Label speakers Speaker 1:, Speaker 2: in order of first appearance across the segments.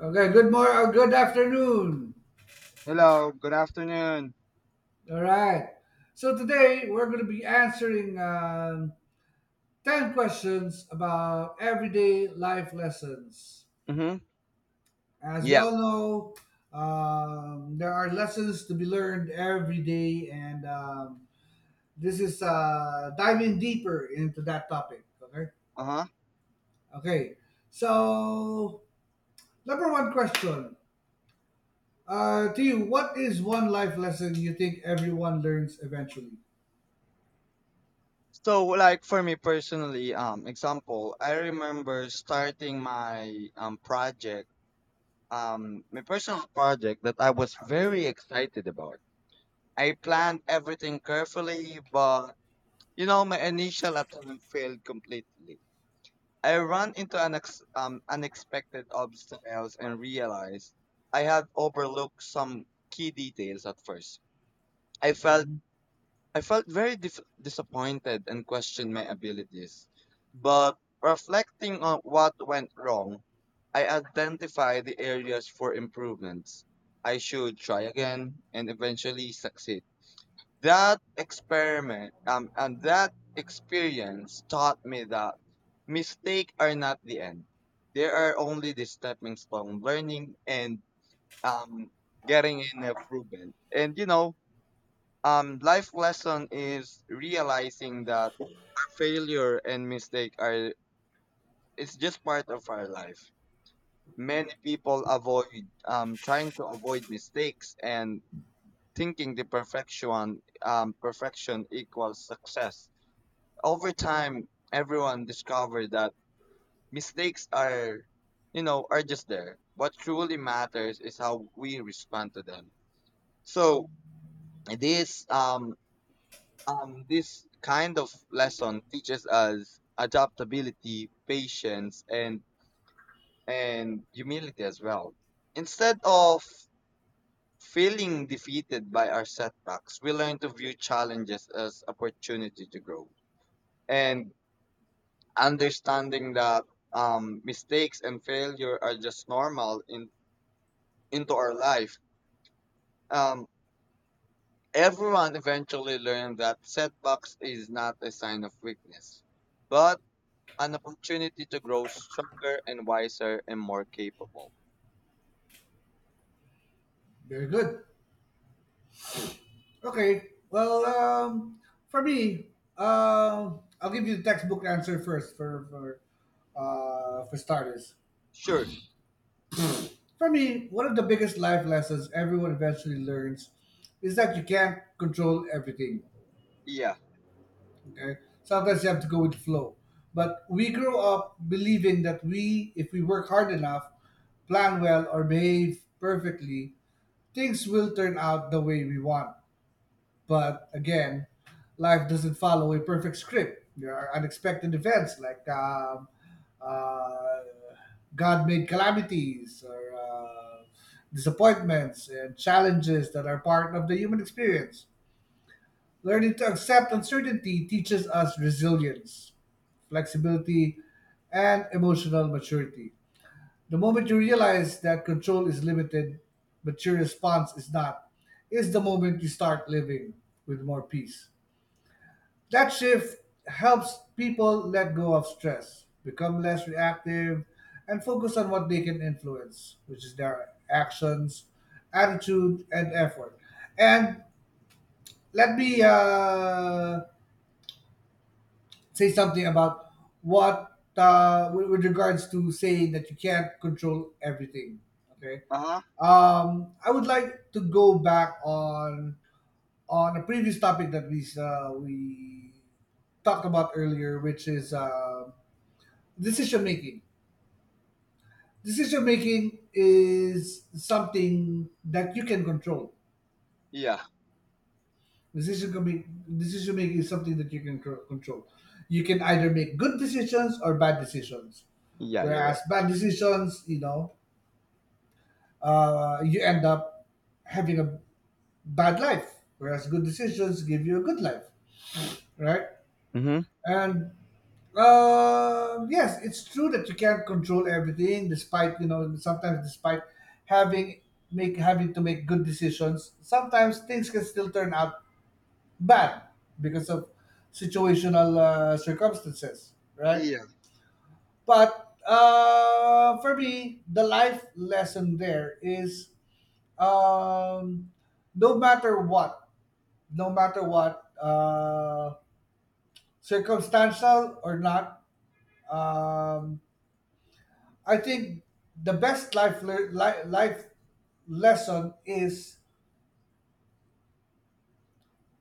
Speaker 1: Okay, good morning, good afternoon.
Speaker 2: Hello, good afternoon.
Speaker 1: All right. So today we're going to be answering 10 questions about everyday life lessons.
Speaker 2: Mm-hmm.
Speaker 1: As we
Speaker 2: Yeah.
Speaker 1: all know, there are lessons to be learned every day, and this is diving deeper into that topic. Okay.
Speaker 2: Uh-huh.
Speaker 1: Okay. So, number one question to you, what is one life lesson you think everyone learns eventually?
Speaker 2: So like for me personally, example, I remember starting my project, my personal project that I was very excited about. I planned everything carefully, but you know my initial attempt failed completely. I ran into an unexpected obstacles and realized I had overlooked some key details at first. I felt
Speaker 1: Mm-hmm.
Speaker 2: I felt very disappointed and questioned my abilities. But reflecting on what went wrong, I identified the areas for improvements. I should try again and eventually succeed. That experiment and that experience taught me that mistakes are not the end. They are only the stepping stone, learning and um, getting in improvement. And you know, life lesson is realizing that failure and mistake are it's just part of our life. Many people avoid trying to avoid mistakes and thinking the perfection equals success. Over time, everyone discovered that mistakes are you know are just there. What truly matters is how we respond to them. So this um, this kind of lesson teaches us adaptability, patience, and humility as well. Instead of feeling defeated by our setbacks, we learn to view challenges as opportunity to grow, and understanding that mistakes and failure are just normal in into our life. Um, Everyone eventually learned that setbacks is not a sign of weakness, but an opportunity to grow stronger and wiser and more capable.
Speaker 1: Very good. Okay. Well, for me, I'll give you the textbook answer first for for starters.
Speaker 2: Sure.
Speaker 1: For me, one of the biggest life lessons everyone eventually learns is that you can't control everything.
Speaker 2: Yeah.
Speaker 1: Okay, sometimes you have to go with the flow. But we grow up believing that if we work hard enough, plan well, or behave perfectly, things will turn out the way we want. But again, life doesn't follow a perfect script. There are unexpected events like uh, God made calamities or disappointments and challenges that are part of the human experience. Learning to accept uncertainty teaches us resilience, flexibility, and emotional maturity. The moment you realize that control is limited, but your response is not, is the moment you start living with more peace. That shift helps people let go of stress, become less reactive, and focus on what they can influence, which is their actions, attitude, and effort. And let me say something about what, with regards to saying that you can't control everything. Okay.
Speaker 2: Uh huh.
Speaker 1: I would like to go back on a previous topic that we talked about earlier, which is decision making. Decision making is something that you can control.
Speaker 2: Yeah.
Speaker 1: Decision can be, decision making is something that you can control. You can either make good decisions or bad decisions.
Speaker 2: Yeah, you're
Speaker 1: Whereas
Speaker 2: right.
Speaker 1: bad decisions, you know, you end up having a bad life. Whereas good decisions give you a good life, right?
Speaker 2: Mm-hmm.
Speaker 1: And yes, it's true that you can't control everything, despite you know sometimes despite having having to make good decisions, sometimes things can still turn out bad because of situational circumstances, right?
Speaker 2: Yeah.
Speaker 1: But for me, the life lesson there is um, no matter what, no matter what, circumstantial or not, um, I think the best life lesson is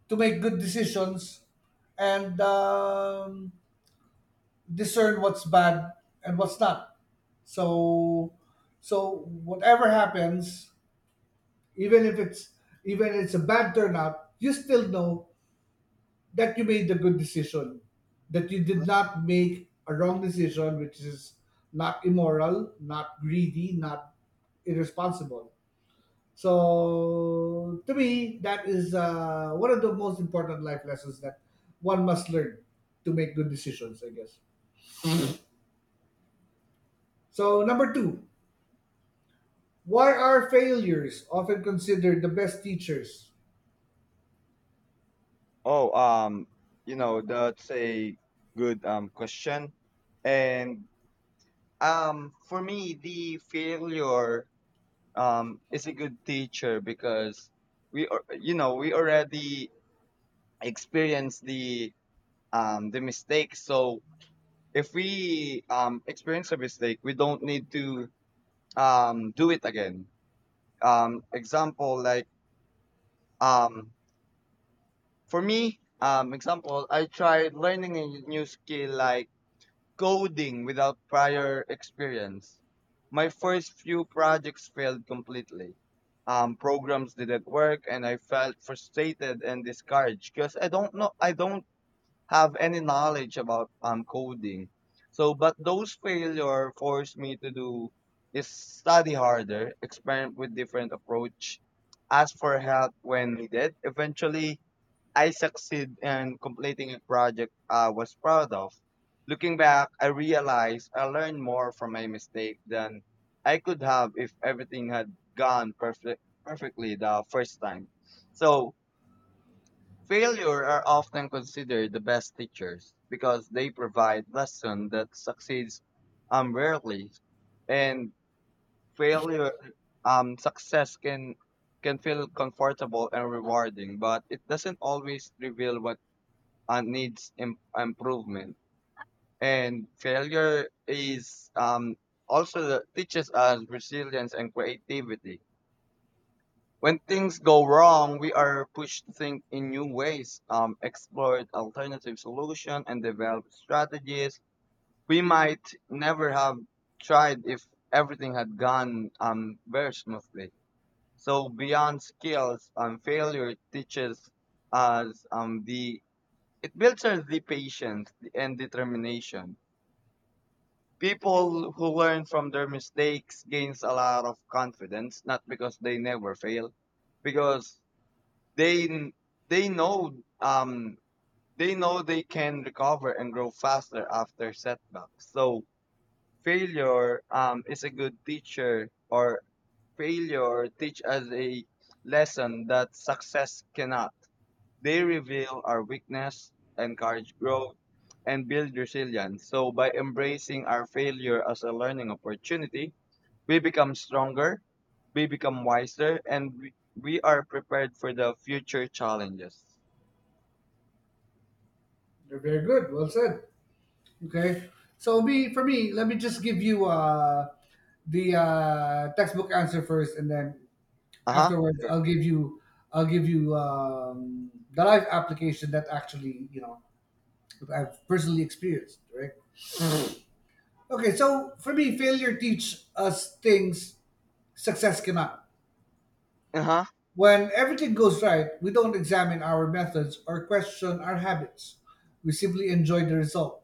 Speaker 1: to make good decisions and discern what's bad and what's not. So, so, whatever happens, even if it's even it's a bad turnout, you still know that you made the good decision, that you
Speaker 2: Uh-huh.
Speaker 1: did not make a wrong decision, which is not immoral, not greedy, not irresponsible. So to me, that is one of the most important life lessons that one must learn to make good decisions, I guess.
Speaker 2: Mhm.
Speaker 1: So number two, why are failures often considered the best teachers?
Speaker 2: Oh, you know, that's a good question. And for me the failure is a good teacher because we are you know, we already experience the the mistake. So if we experience a mistake, we don't need to do it again, example like um for me, example I tried learning a new skill like coding without prior experience. My first few projects failed completely. Programs didn't work and I felt frustrated and discouraged because I don't know, I don't have any knowledge about coding. So, but those failure forced me to do is study harder, experiment with different approach, ask for help when needed. Eventually, I succeed in completing a project I was proud of. Looking back, I realized I learned more from my mistake than I could have if everything had perfectly the first time. So, failure are often considered the best teachers because they provide lessons that succeeds rarely, and failure success can feel comfortable and rewarding but it doesn't always reveal what needs improvement, and failure is also the, teaches us resilience and creativity. When things go wrong, we are pushed to think in new ways, explore alternative solutions, and develop strategies we might never have tried if everything had gone very smoothly. So beyond skills, failure teaches us the it builds us the patience and determination. People who learn from their mistakes gains a lot of confidence, not because they never fail, because they they know they know they can recover and grow faster after setbacks. So failure is a good teacher, or failure teach us a lesson that success cannot. They reveal our weakness, encourage growth, and build resilience. So by embracing our failure as a learning opportunity, we become stronger, we become wiser, and we are prepared for the future challenges.
Speaker 1: They're very good. Well said. Okay. So me for me, let me just give you the textbook answer first, and then
Speaker 2: Uh huh.
Speaker 1: afterwards,
Speaker 2: Sure.
Speaker 1: I'll give you the life application that actually you know that I've personally experienced. Right. Okay, so for me, failure teaches us things success cannot.
Speaker 2: Uh huh.
Speaker 1: When everything goes right, we don't examine our methods or question our habits. We simply enjoy the result.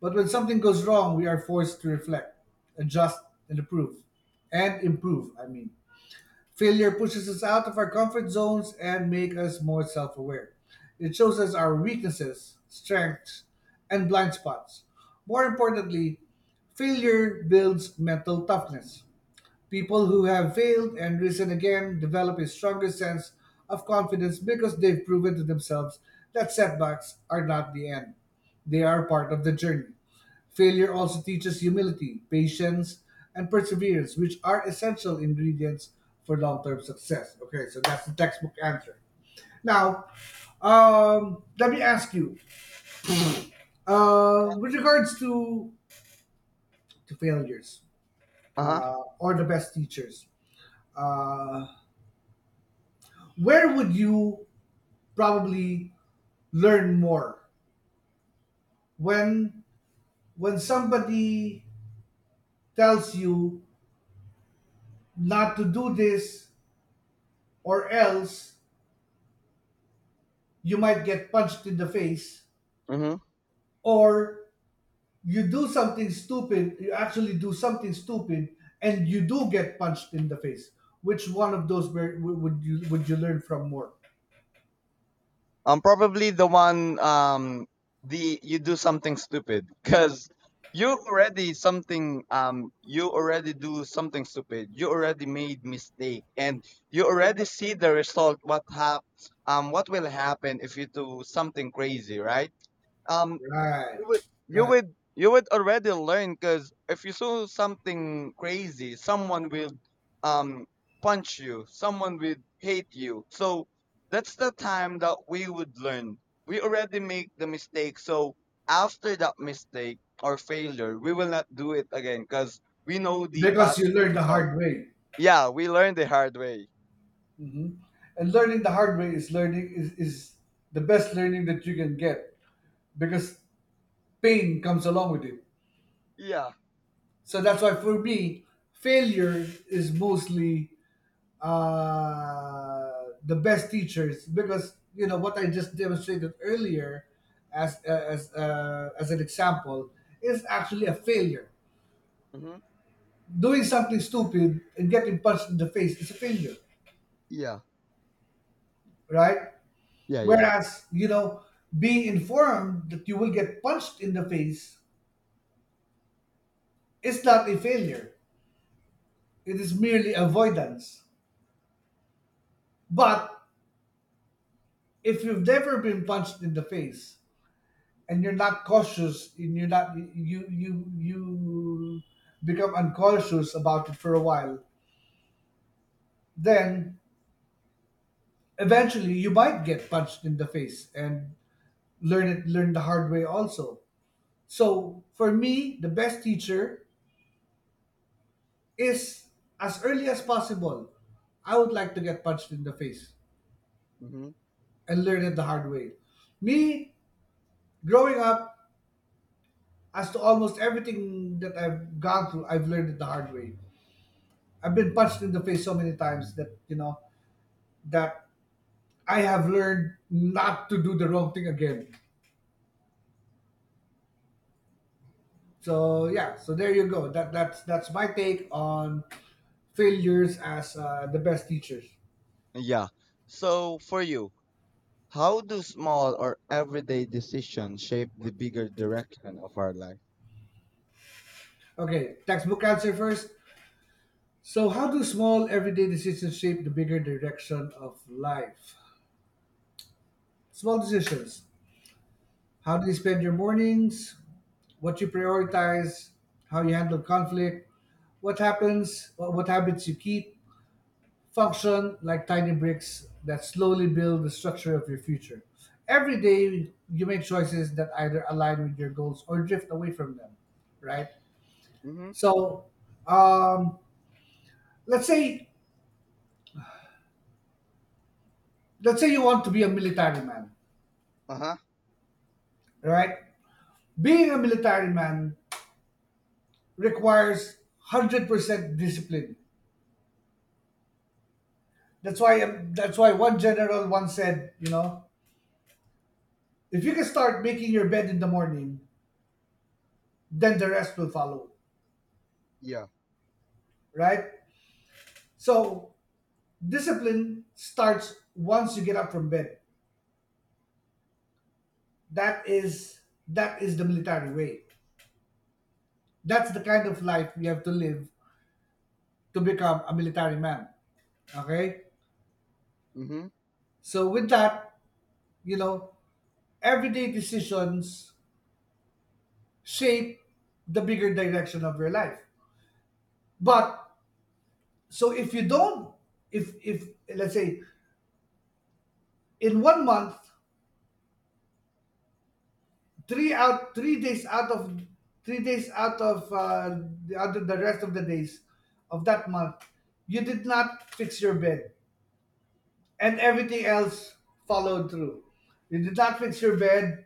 Speaker 1: But when something goes wrong, we are forced to reflect, adjust, and improve. And improve, I mean. Failure pushes us out of our comfort zones and make us more self-aware. It shows us our weaknesses, strengths, and blind spots. More importantly, failure builds mental toughness. People who have failed and risen again develop a stronger sense of confidence because they've proven to themselves that setbacks are not the end. They are part of the journey. Failure also teaches humility, patience, and perseverance, which are essential ingredients for long term success. Okay, so that's the textbook answer. Now, let me ask you with regards to failures
Speaker 2: Uh huh.
Speaker 1: or the best teachers. Uh, where would you probably learn more when somebody tells you not to do this or else you might get punched in the face
Speaker 2: Mm-hmm.
Speaker 1: or you actually do something stupid and you do get punched in the face, which one of those would you learn from more?
Speaker 2: Probably the one. The you do something stupid because you already do something stupid. You already made mistake, and you already see the result. What will happen if you do something crazy, right? Um,
Speaker 1: Right.
Speaker 2: you would
Speaker 1: Right,
Speaker 2: you would already learn, because if you saw something crazy, someone will um punch you, someone will hate you. So that's the time that we would learn, we already make the mistake. So after that mistake or failure we will not do it again, because we know the
Speaker 1: because you
Speaker 2: possible
Speaker 1: learn the
Speaker 2: result.
Speaker 1: hard way.
Speaker 2: Yeah, we learn the hard way.
Speaker 1: And learning the hard way is is the best learning that you can get because pain comes along with it.
Speaker 2: Yeah.
Speaker 1: So that's why for me failure is mostly the best teachers, because you know what I just demonstrated earlier as as an example is actually a failure.
Speaker 2: Hmm.
Speaker 1: Doing something stupid and getting punched in the face is a failure,
Speaker 2: Yeah.
Speaker 1: right?
Speaker 2: Yeah, yeah, yeah.
Speaker 1: Whereas, you know, being informed that you will get punched in the face is not a failure. It is merely avoidance. But if you've never been punched in the face and you're not cautious and you're not you you you become uncautious about it for a while, then eventually you might get punched in the face and learn the hard way also. So for me, the best teacher is as early as possible, I would like to get punched in the face
Speaker 2: Hmm.
Speaker 1: and learn it the hard way. Me, growing up, as to almost everything that I've gone through, I've learned it the hard way. I've been punched in the face so many times that, you know, that I have learned not to do the wrong thing again. So yeah, so there you go. That's my take on failures as the best teachers.
Speaker 2: Yeah, so for you, how do small or everyday decisions shape the bigger direction of our life?
Speaker 1: Okay, textbook answer first. So, how do small everyday decisions shape the bigger direction of life? Small decisions. How do you spend your mornings? What you prioritize? How you handle conflict? What happens? What habits you keep? Function like tiny bricks that slowly build the structure of your future. Every day, you make choices that either align with your goals or drift away from them, right?
Speaker 2: Mm-hmm.
Speaker 1: So, um, let's say you want to be a military man,
Speaker 2: Uh-huh.
Speaker 1: right? Being a military man requires 100% discipline. That's why one general once said, you know, if you can start making your bed in the morning, then the rest will follow,
Speaker 2: Yeah.
Speaker 1: right? So discipline starts once you get up from bed. That is the military way. That's the kind of life you have to live to become a military man. Okay?
Speaker 2: Mm-hmm.
Speaker 1: So with that, you know, everyday decisions shape the bigger direction of your life. But so if you don't, if let's say in 1 month, three out three days out of 3 days out of the other the rest of the days of that month, you did not fix your bed, and everything else followed through. You did not fix your bed.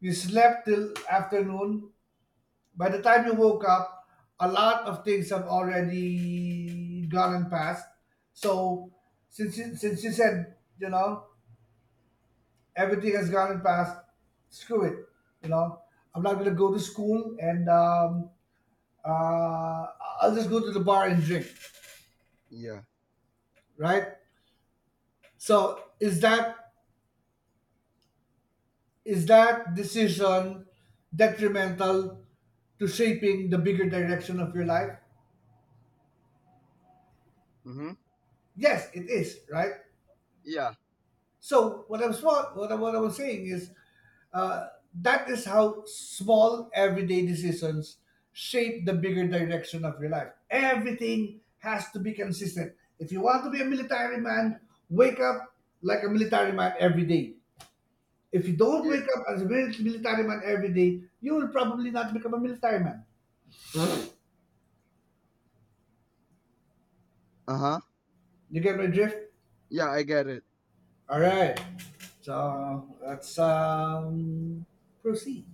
Speaker 1: You slept till afternoon. By the time you woke up, a lot of things have already gone and passed. So since you said, you know, everything has gone and passed, screw it. You know, I'm not gonna go to school, and uh, I'll just go to the bar and drink,
Speaker 2: Yeah.
Speaker 1: right? So is that decision detrimental to shaping the bigger direction of your life?
Speaker 2: Mm-hmm.
Speaker 1: Yes, it is, right?
Speaker 2: Yeah.
Speaker 1: So what I'm small, what I was saying is uh, that is how small everyday decisions shape the bigger direction of your life. Everything has to be consistent. If you want to be a military man, wake up like a military man every day. If you don't
Speaker 2: Yeah.
Speaker 1: wake up as a military man every day, you will probably not become a military man.
Speaker 2: Uh-huh.
Speaker 1: You get my drift?
Speaker 2: Yeah, I get it.
Speaker 1: All right. So let's proceed.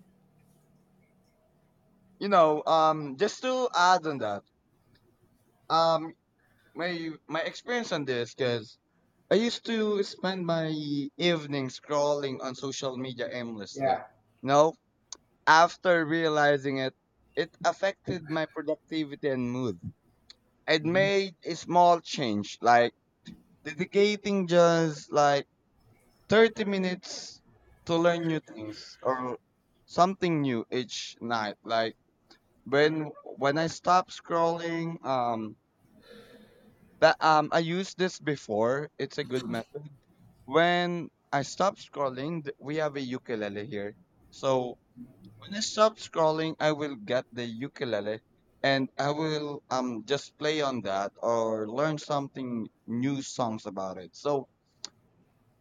Speaker 2: You know, just to add on that, um, my my experience on this, because I used to spend my evening scrolling on social media aimlessly.
Speaker 1: Yeah.
Speaker 2: You know, after realizing it, it affected my productivity and mood. I'd made a small change, like dedicating just like 30 minutes to learn new things or something new each night. Like when I stop scrolling, that I used this before, it's a good method. When I stop scrolling, we have a ukulele here, so when I stop scrolling I will get the ukulele, and I will just play on that or learn something new songs about it. So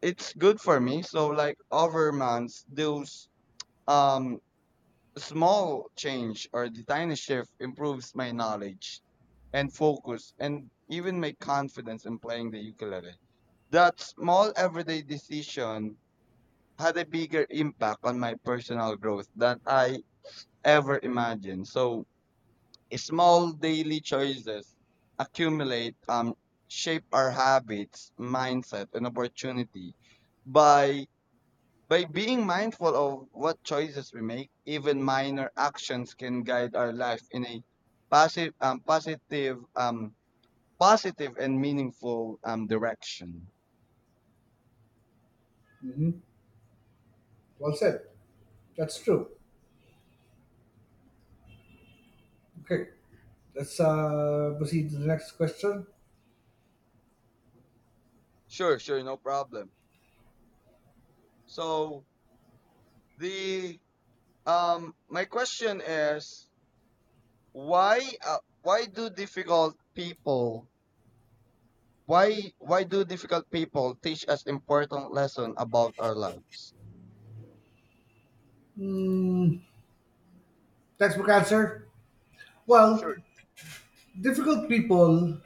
Speaker 2: it's good for me. So like over months, those um small change or the tiny shift improves my knowledge and focus and even my confidence in playing the ukulele. That small everyday decision had a bigger impact on my personal growth than I ever imagined. So small daily choices accumulate, shape our habits, mindset and opportunity. By being mindful of what choices we make, even minor actions can guide our life in a positive, um, positive, um, positive and meaningful direction.
Speaker 1: Hmm. Well said. That's true. Okay, let's proceed to the next question.
Speaker 2: Sure, sure, no problem. So the my question is, why uh, why do difficult people why do difficult people teach us important lesson about our lives?
Speaker 1: Hmm, textbook answer. Well,
Speaker 2: Sure.
Speaker 1: difficult people,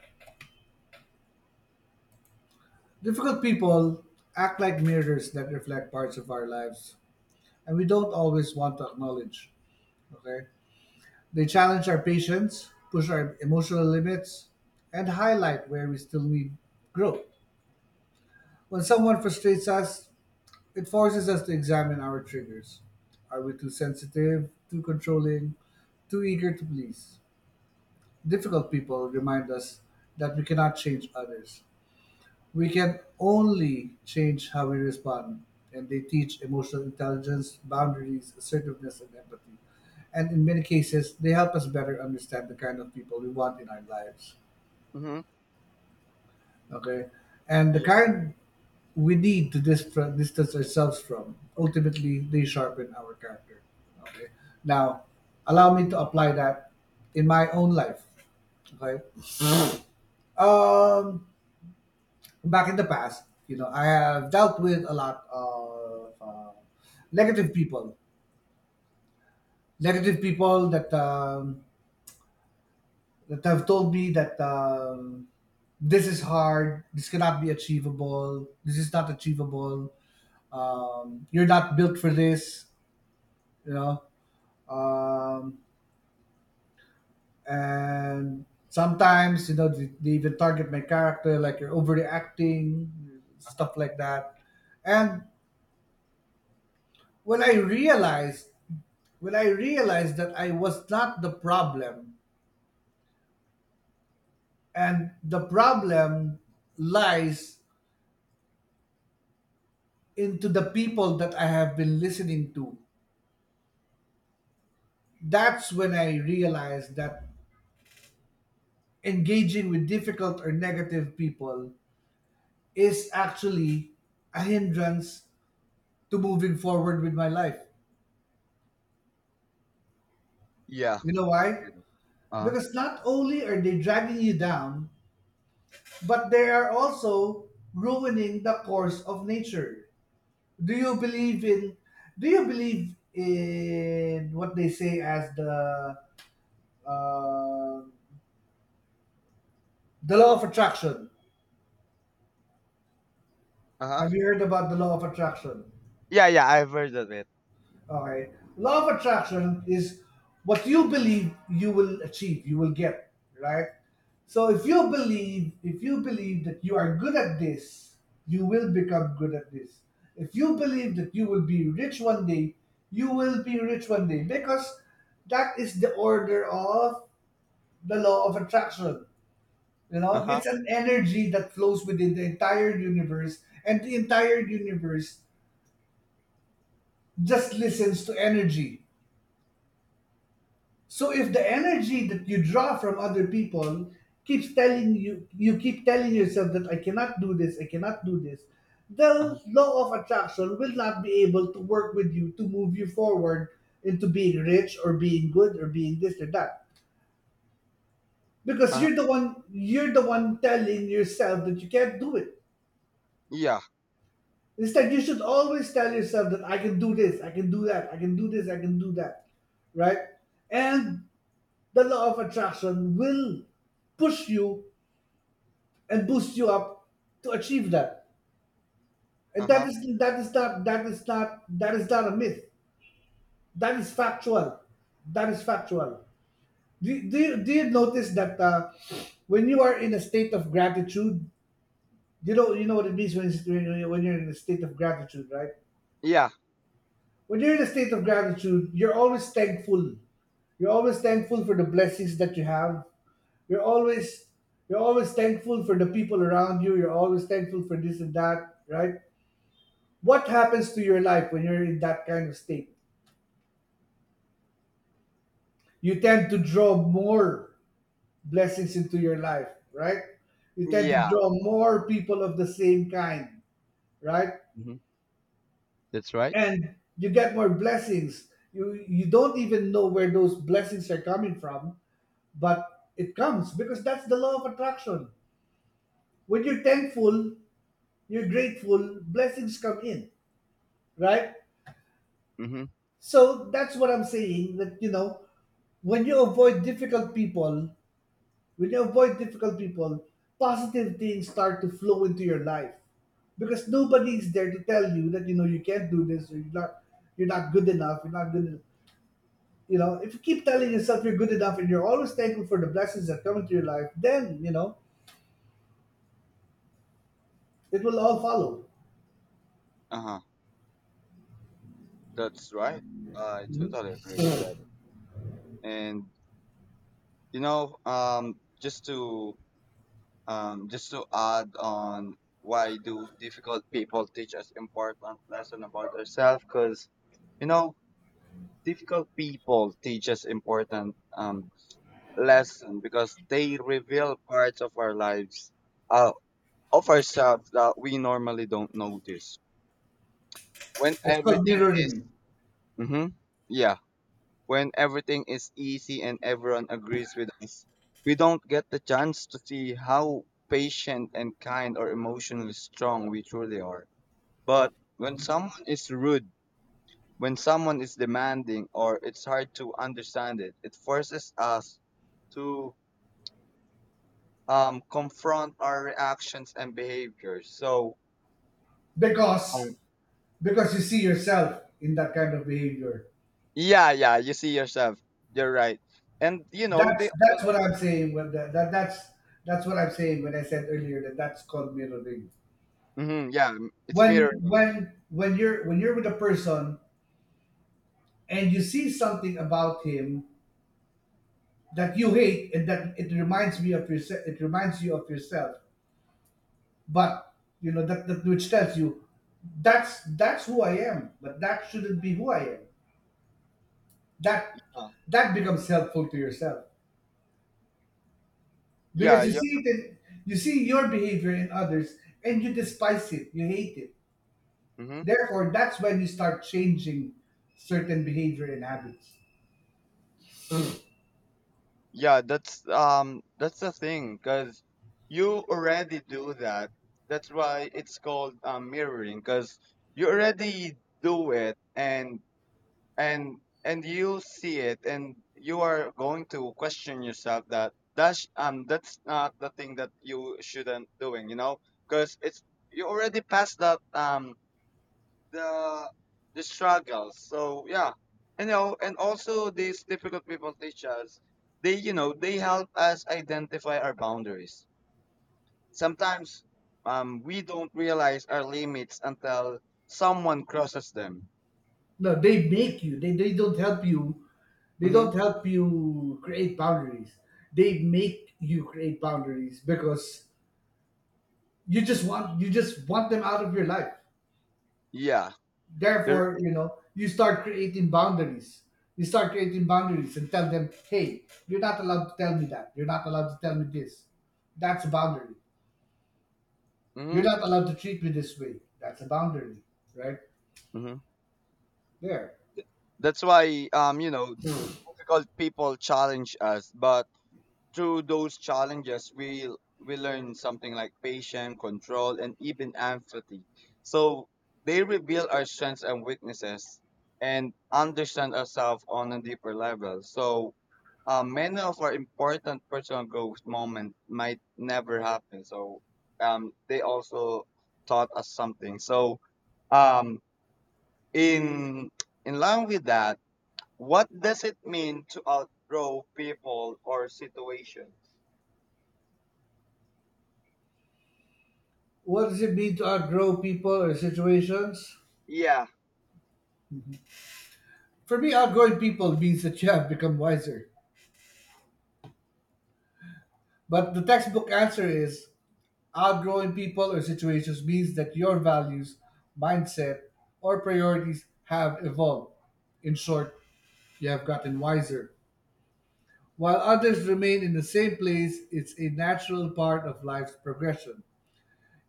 Speaker 1: difficult people act like mirrors that reflect parts of our lives, and we don't always want to acknowledge. Okay, they challenge our patience, push our emotional limits, and highlight where we still need growth. When someone frustrates us, it forces us to examine our triggers. Are we too sensitive, too controlling, too eager to please? Difficult people remind us that we cannot change others. We can only change how we respond, and they teach emotional intelligence, boundaries, assertiveness, and empathy. And in many cases, they help us better understand the kind of people we want in our lives.
Speaker 2: Mm-hmm.
Speaker 1: Okay, and the
Speaker 2: Yeah.
Speaker 1: kind we need to distance ourselves from. Ultimately, they sharpen our character. Okay, now allow me to apply that in my own life. Okay, um back in the past, you know, I have dealt with a lot of negative people negative people that that have told me that this is hard, this cannot be achievable, this is not achievable, you're not built for this, you know. Um, and sometimes, you know, they even target my character, like you're overreacting,
Speaker 2: Uh-huh.
Speaker 1: stuff like that. And when I realized, that I was not the problem, and the problem lies into the people that I have been listening to. That's when I realized that engaging with difficult or negative people is actually a hindrance to moving forward with my life.
Speaker 2: Yeah.
Speaker 1: You know why?
Speaker 2: Uh
Speaker 1: Because not only are they dragging you down, but they are also ruining the course of nature. Do you believe in do you believe in what they say as uh, the law of attraction?
Speaker 2: huh.
Speaker 1: Have you heard about the law of attraction?
Speaker 2: Yeah, yeah, I've heard of it.
Speaker 1: Okay. Law of attraction is what you believe you will achieve, you will get, right? So if you believe that you are good at this, you will become good at this. If you believe that you will be rich one day, you will be rich one day because that is the order of the law of attraction. You know,
Speaker 2: Uh-huh.
Speaker 1: it's an energy that flows within the entire universe, and the entire universe just listens to energy. So if the energy that you draw from other people keeps telling you, you keep telling yourself that I cannot do this, I cannot do this,
Speaker 2: Uh-huh.
Speaker 1: the law of attraction will not be able to work with you to move you forward into being rich or being good or being this or that. Because
Speaker 2: Uh-huh.
Speaker 1: you're the one telling yourself that you can't do it.
Speaker 2: Yeah.
Speaker 1: Instead, you should always tell yourself that I can do this, I can do that, I can do this, I can do that, right? And the law of attraction will push you and boost you up to achieve that. And
Speaker 2: Uh-huh.
Speaker 1: that is not a myth. That is factual. That is factual. Do you notice that when you are in a state of gratitude, you know what it means when when you're in a state of gratitude, right?
Speaker 2: Yeah.
Speaker 1: When you're in a state of gratitude, you're always thankful. You're always thankful for the blessings that you have. You're always you're always thankful for the people around you. You're always thankful for this and that, right? What happens to your life when you're in that kind of state? You tend to draw more blessings into your life, right? You tend to
Speaker 2: Yeah.
Speaker 1: draw more people of the same kind, right?
Speaker 2: Mm-hmm. That's right.
Speaker 1: And you get more blessings. You don't even know where those blessings are coming from, but it comes because that's the law of attraction. When you're thankful, you're grateful, blessings come in, right?
Speaker 2: Mm-hmm.
Speaker 1: So that's what I'm saying, that you know when you avoid difficult people, when you avoid difficult people, positive things start to flow into your life because nobody's there to tell you that you know you can't do this or you're not good enough, you're not good enough. You know, if you keep telling yourself you're good enough and you're always thankful for the blessings that come into your life, then you know it will all follow
Speaker 2: Uh-huh. That's right. I totally agree with that. And you know, just to add on, why do difficult people teach us important lesson about ourselves? Because you know, difficult people teach us important lesson because they reveal parts of our lives uh, of ourselves that we normally don't notice. When everything is, mm-hmm, yeah, when everything is easy and everyone agrees with us, we don't get the chance to see how patient and kind or emotionally strong we truly are. But when someone is rude, when someone is demanding, or it's hard to understand it, it forces us to confront our reactions and behaviors. So,
Speaker 1: because
Speaker 2: um,
Speaker 1: you see yourself in that kind of behavior.
Speaker 2: yeah, yeah, you see yourself. You're right. And you know they.
Speaker 1: That's what I'm saying. When that, that That's what I'm saying when I said earlier that that's called mirroring.
Speaker 2: Mm-hmm, yeah, it's mirroring.
Speaker 1: When you're with a person and you see something about him that you hate and that it reminds me of yourself, it reminds you of yourself. But you know that, that which tells you that's who I am, but that shouldn't be who I am. That
Speaker 2: Uh,
Speaker 1: that becomes helpful to yourself
Speaker 2: yeah,
Speaker 1: because
Speaker 2: yeah.
Speaker 1: you see your behavior in others and you despise it, you hate it.
Speaker 2: Mm-hmm.
Speaker 1: Therefore, that's when you start changing certain behavior and habits.
Speaker 2: Yeah, that's the thing, cause you already do that. That's why it's called mirroring, cause you already do it, and and and you see it, and you are going to question yourself that that's not the thing that you shouldn't doing, you know, cause it's you already passed that the the struggles. So yeah, and you know, and also these difficult people teach us. They, you know, they help us identify our boundaries. Sometimes we don't realize our limits until someone crosses them.
Speaker 1: No, they make you. They don't help you. They
Speaker 2: Hmm.
Speaker 1: don't help you create boundaries. They make you create boundaries because you just want them out of your life.
Speaker 2: Yeah. There.
Speaker 1: Therefore, you know, you start creating boundaries. You start creating boundaries and tell them, hey, you're not allowed to tell me that. You're not allowed to tell me this. That's a boundary.
Speaker 2: Hmm.
Speaker 1: You're not allowed to treat me this way. That's a boundary, right?
Speaker 2: Hmm.
Speaker 1: There.
Speaker 2: That's why you know
Speaker 1: Hmm.
Speaker 2: difficult people challenge us, but through those challenges, we learn something like patience, control, and even empathy. So they reveal our strengths and weaknesses, and understand ourselves on a deeper level. So many of our important personal growth moments might never happen. So they also taught us something. So um, in in line with that, what does it mean to outgrow people or situations?
Speaker 1: What does it mean to outgrow people or situations?
Speaker 2: Yeah.
Speaker 1: For me, outgrowing people means that you have become wiser. But the textbook answer is outgrowing people or situations means that your values, mindset, or priorities have evolved. In short, you have gotten wiser. While others remain in the same place, it's a natural part of life's progression.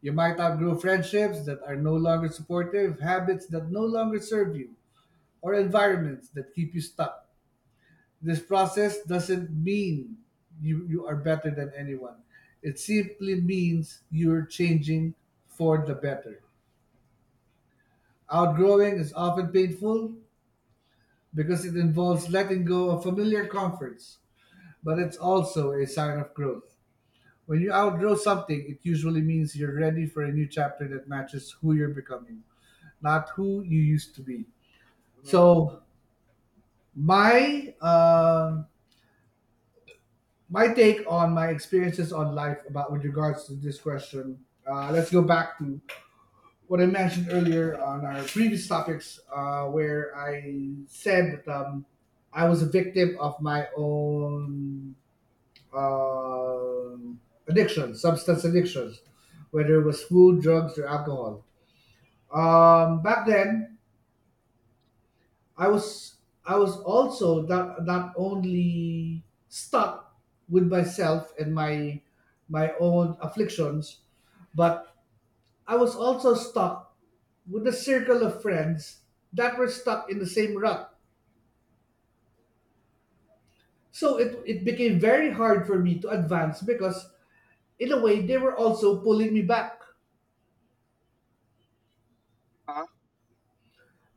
Speaker 1: You might outgrow friendships that are no longer supportive, habits that no longer serve you, or environments that keep you stuck. This process doesn't mean you are better than anyone. It simply means you're changing for the better. Outgrowing is often painful because it involves letting go of familiar comforts, but it's also a sign of growth. When you outgrow something, it usually means you're ready for a new chapter that matches who you're becoming, not who you used to be.
Speaker 2: Mhm.
Speaker 1: So, my uh. my take on my experiences on life about with regards to this question, let's go back to what I mentioned earlier on our previous topics, where I said that I was a victim of my own um addiction, substance addictions, whether it was food, drugs, or alcohol. Back then I was I was also not not only stuck with myself and my own afflictions, but I was also stuck with a circle of friends that were stuck in the same rut. So it became very hard for me to advance because in a way they were also pulling me back.
Speaker 2: Huh?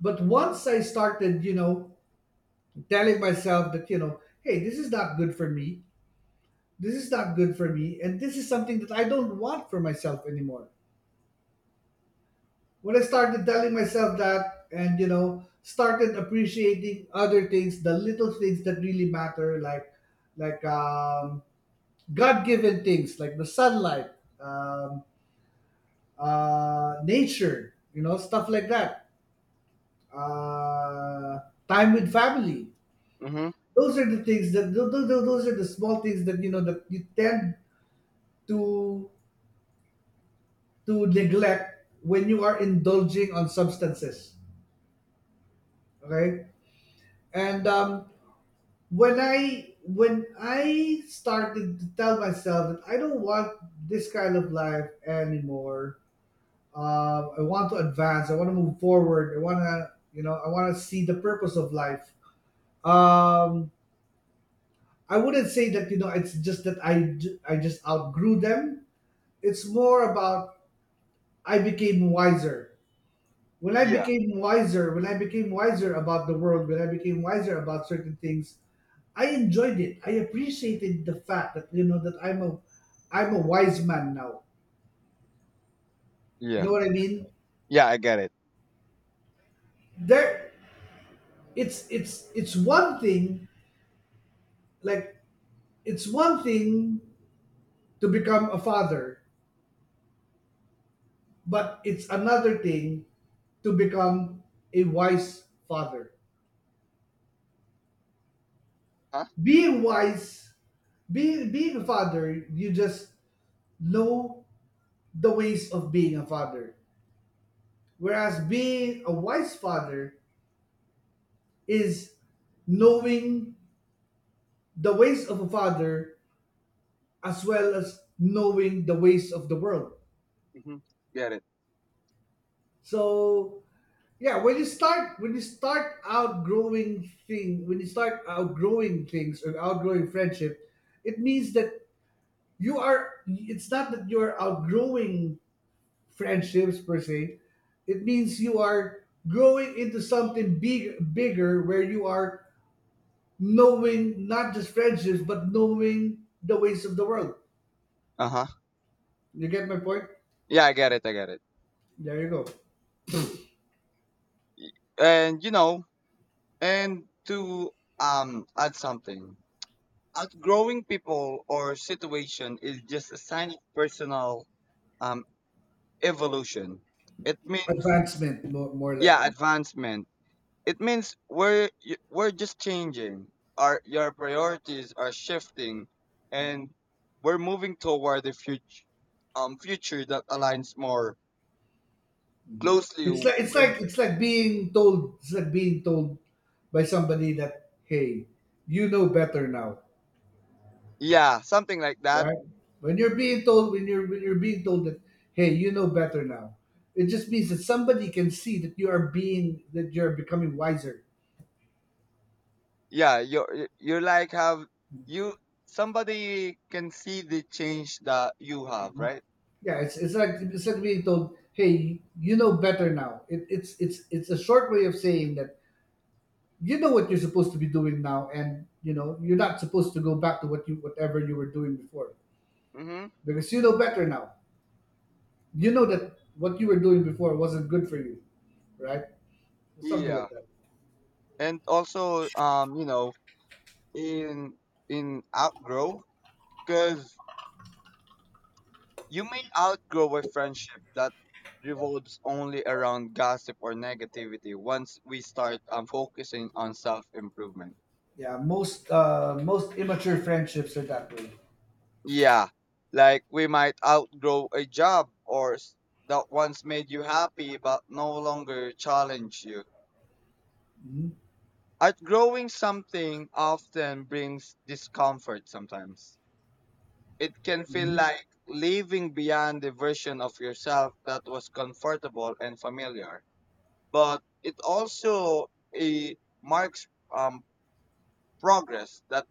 Speaker 1: But once I started, you know, telling myself that, you know, hey, this is not good for me. This is not good for me, and this is something that I don't want for myself anymore. When I started telling myself that, and you know, started appreciating other things, the little things that really matter, like like um, God-given things, like the sunlight, um, nature, you know, stuff like that, uh, time with family.
Speaker 2: Mhm.
Speaker 1: Those are the things that those are the small things that you know that you tend to neglect when you are indulging on substances. Okay, and when I started to tell myself that I don't want this kind of life anymore, I want to advance. I want to move forward. I want to see the purpose of life. Um, I wouldn't say that you know it's just that I just outgrew them. It's more about I became wiser.
Speaker 2: Yeah.
Speaker 1: When I became wiser about the world, when I became wiser about certain things, I enjoyed it. I appreciated the fact that you know that I'm a wise man now. You
Speaker 2: Yeah.
Speaker 1: know what I mean?
Speaker 2: Yeah, I get it.
Speaker 1: There, it's it's one thing, like it's one thing to become a father, but it's another thing to become a wise father.
Speaker 2: Huh?
Speaker 1: Being wise, being a father, you just know the ways of being a father. Whereas being a wise father is knowing the ways of a father as well as knowing the ways of the world.
Speaker 2: Mhm. Get it.
Speaker 1: So yeah, when you start outgrowing thing when you start outgrowing things or outgrowing friendship, it means that you are it's not that you're outgrowing friendships per se. It means you are growing into something bigger where you are knowing not just friendships, but knowing the ways of the world.
Speaker 2: Uh huh.
Speaker 1: You get my point?
Speaker 2: Yeah, I get it. I get it.
Speaker 1: There you go.
Speaker 2: Y- And you know, and to add something, outgrowing people or situation is just a sign of personal um evolution. It means
Speaker 1: Advancement, more
Speaker 2: yeah
Speaker 1: likely.
Speaker 2: advancement. It means we're just changing. Our your priorities are shifting, and we're moving toward the future future that aligns more closely with
Speaker 1: It's like being told. It's like being told by somebody that hey, you know better now,
Speaker 2: yeah something like that.
Speaker 1: right? When you're being told that hey, you know better now, it just means that somebody can see that you are becoming wiser.
Speaker 2: Yeah, you're like have you somebody can see the change that you have, right?
Speaker 1: Yeah, it's like being told, "Hey, you know better now." It's it's a short way of saying that you know what you're supposed to be doing now, and you know you're not supposed to go back to what you whatever you were doing before
Speaker 2: Mm-hmm.
Speaker 1: because you know better now. You know that what you were doing before wasn't good for you, right? Something
Speaker 2: Yeah,
Speaker 1: like that.
Speaker 2: and also you know in outgrow, because you may outgrow a friendship that revolves only around gossip or negativity once we start focusing on self improvement.
Speaker 1: Yeah, most most immature friendships are that way.
Speaker 2: Yeah, like we might outgrow a job or that once made you happy but no longer challenge you. Outgrowing something often brings discomfort sometimes. It can feel
Speaker 1: Mhm.
Speaker 2: like living beyond the version of yourself that was comfortable and familiar, but it also eh, marks um, progress, that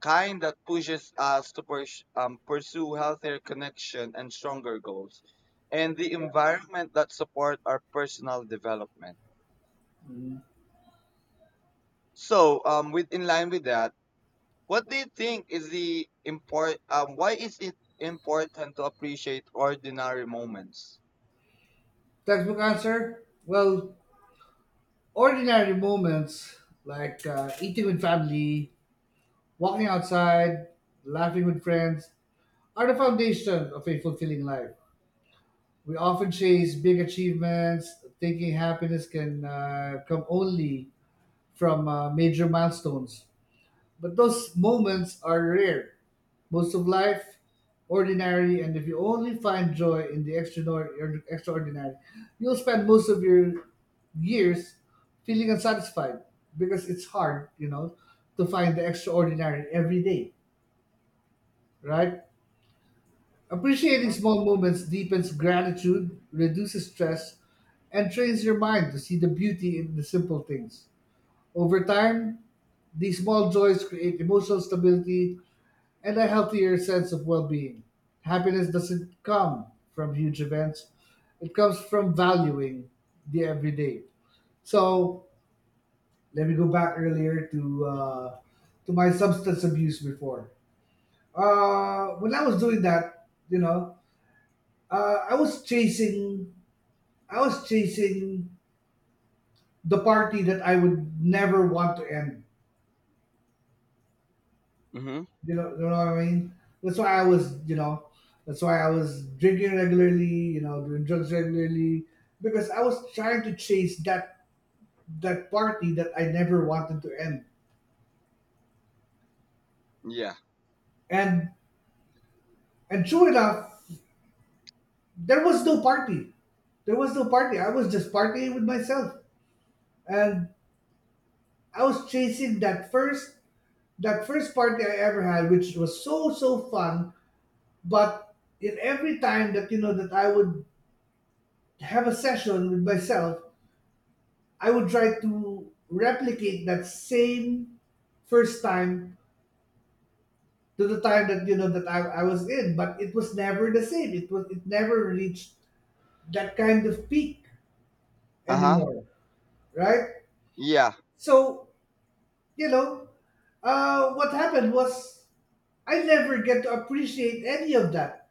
Speaker 2: kind that pushes us to pursue healthier connection and stronger goals and the environment that support our personal development. So with in line with that, what do you think is the import why is it important to appreciate ordinary moments?
Speaker 1: Textbook answer? Well, ordinary moments like eating with family, walking outside, laughing with friends are the foundation of a fulfilling life. We often chase big achievements, thinking happiness can come only from major milestones. But those moments are rare. Most of life, ordinary, and if you only find joy in the extraordinary, you'll spend most of your years feeling unsatisfied because it's hard, you know, to find the extraordinary every day, right? Appreciating small moments deepens gratitude, reduces stress, and trains your mind to see the beauty in the simple things. Over time, these small joys create emotional stability and a healthier sense of well being. Happiness doesn't come from huge events, it comes from valuing the everyday. So let me go back earlier to my substance abuse before. When I was doing that, you know, I was chasing, I was chasing the party that I would never want to end.
Speaker 2: Mm-hmm.
Speaker 1: You know what I mean? That's why I was, you know, that's why I was drinking regularly, you know, doing drugs regularly because I was trying to chase that party that I never wanted to end.
Speaker 2: Yeah.
Speaker 1: And true enough, there was no party. There was no party. I was just partying with myself. And I was chasing that first, party I ever had, which was so fun, but in every time that you know that I would have a session with myself, I would try to replicate that same first time to the time that you know that I was in, but it was never the same. It was, it never reached that kind of peak
Speaker 2: Uh-huh.
Speaker 1: anymore, right?
Speaker 2: Yeah.
Speaker 1: So you know, what happened was I never get to appreciate any of that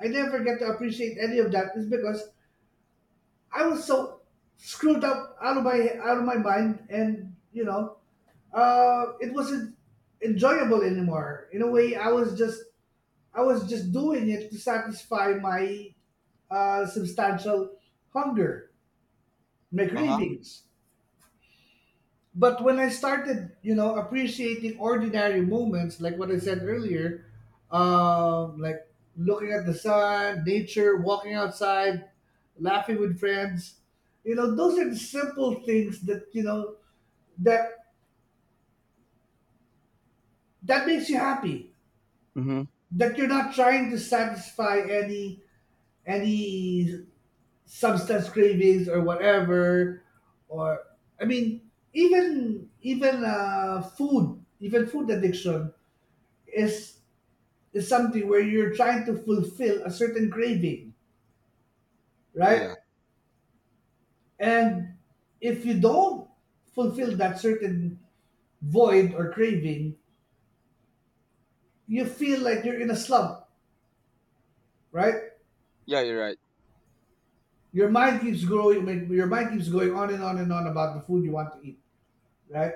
Speaker 1: I never get to appreciate any of that is because I was so screwed up out of my mind, and you know, it wasn't enjoyable anymore. In a way, I was just doing it to satisfy my substantial hunger, my
Speaker 2: Uh-huh.
Speaker 1: cravings. But when I started, you know, appreciating ordinary moments, like what I said earlier, like looking at the sun, nature, walking outside, laughing with friends, you know, those are the simple things that you know that that makes you happy.
Speaker 2: Mm-hmm.
Speaker 1: That you're not trying to satisfy any substance cravings or whatever, or I mean, even food, even food addiction is something where you're trying to fulfill a certain craving, right?
Speaker 2: Yeah.
Speaker 1: And if you don't fulfill that certain void or craving, you feel like you're in a slump, right?
Speaker 2: Yeah, you're right.
Speaker 1: Your mind keeps growing, your mind keeps going on and on and on about the food you want to eat, right?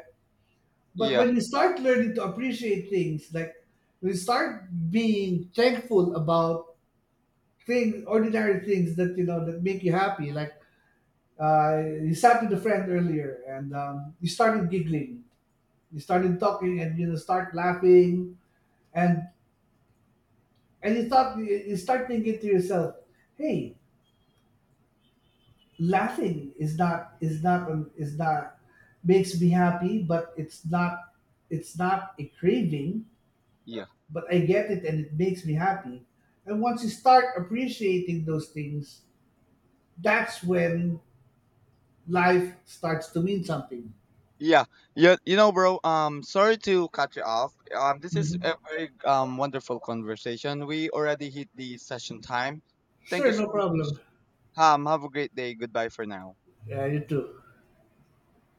Speaker 1: But
Speaker 2: Yeah.
Speaker 1: when you start learning to appreciate things, like when you start being thankful about things, ordinary things that you know that make you happy, like you sat with a friend earlier and you started giggling, you started talking and you know, start laughing, and you thought you start thinking to yourself, hey, laughing is not is not is not makes me happy, but it's not, it's not a craving,
Speaker 2: Yeah,
Speaker 1: but I get it and it makes me happy. And once you start appreciating those things, that's when life starts to mean something.
Speaker 2: Yeah, you know, bro. Sorry to cut you off. This is
Speaker 1: Mhm.
Speaker 2: a very wonderful conversation. We already hit the session time. Thank you
Speaker 1: Sure,
Speaker 2: so
Speaker 1: no
Speaker 2: much.
Speaker 1: problem.
Speaker 2: Have a great day. Goodbye for now.
Speaker 1: Yeah, you too.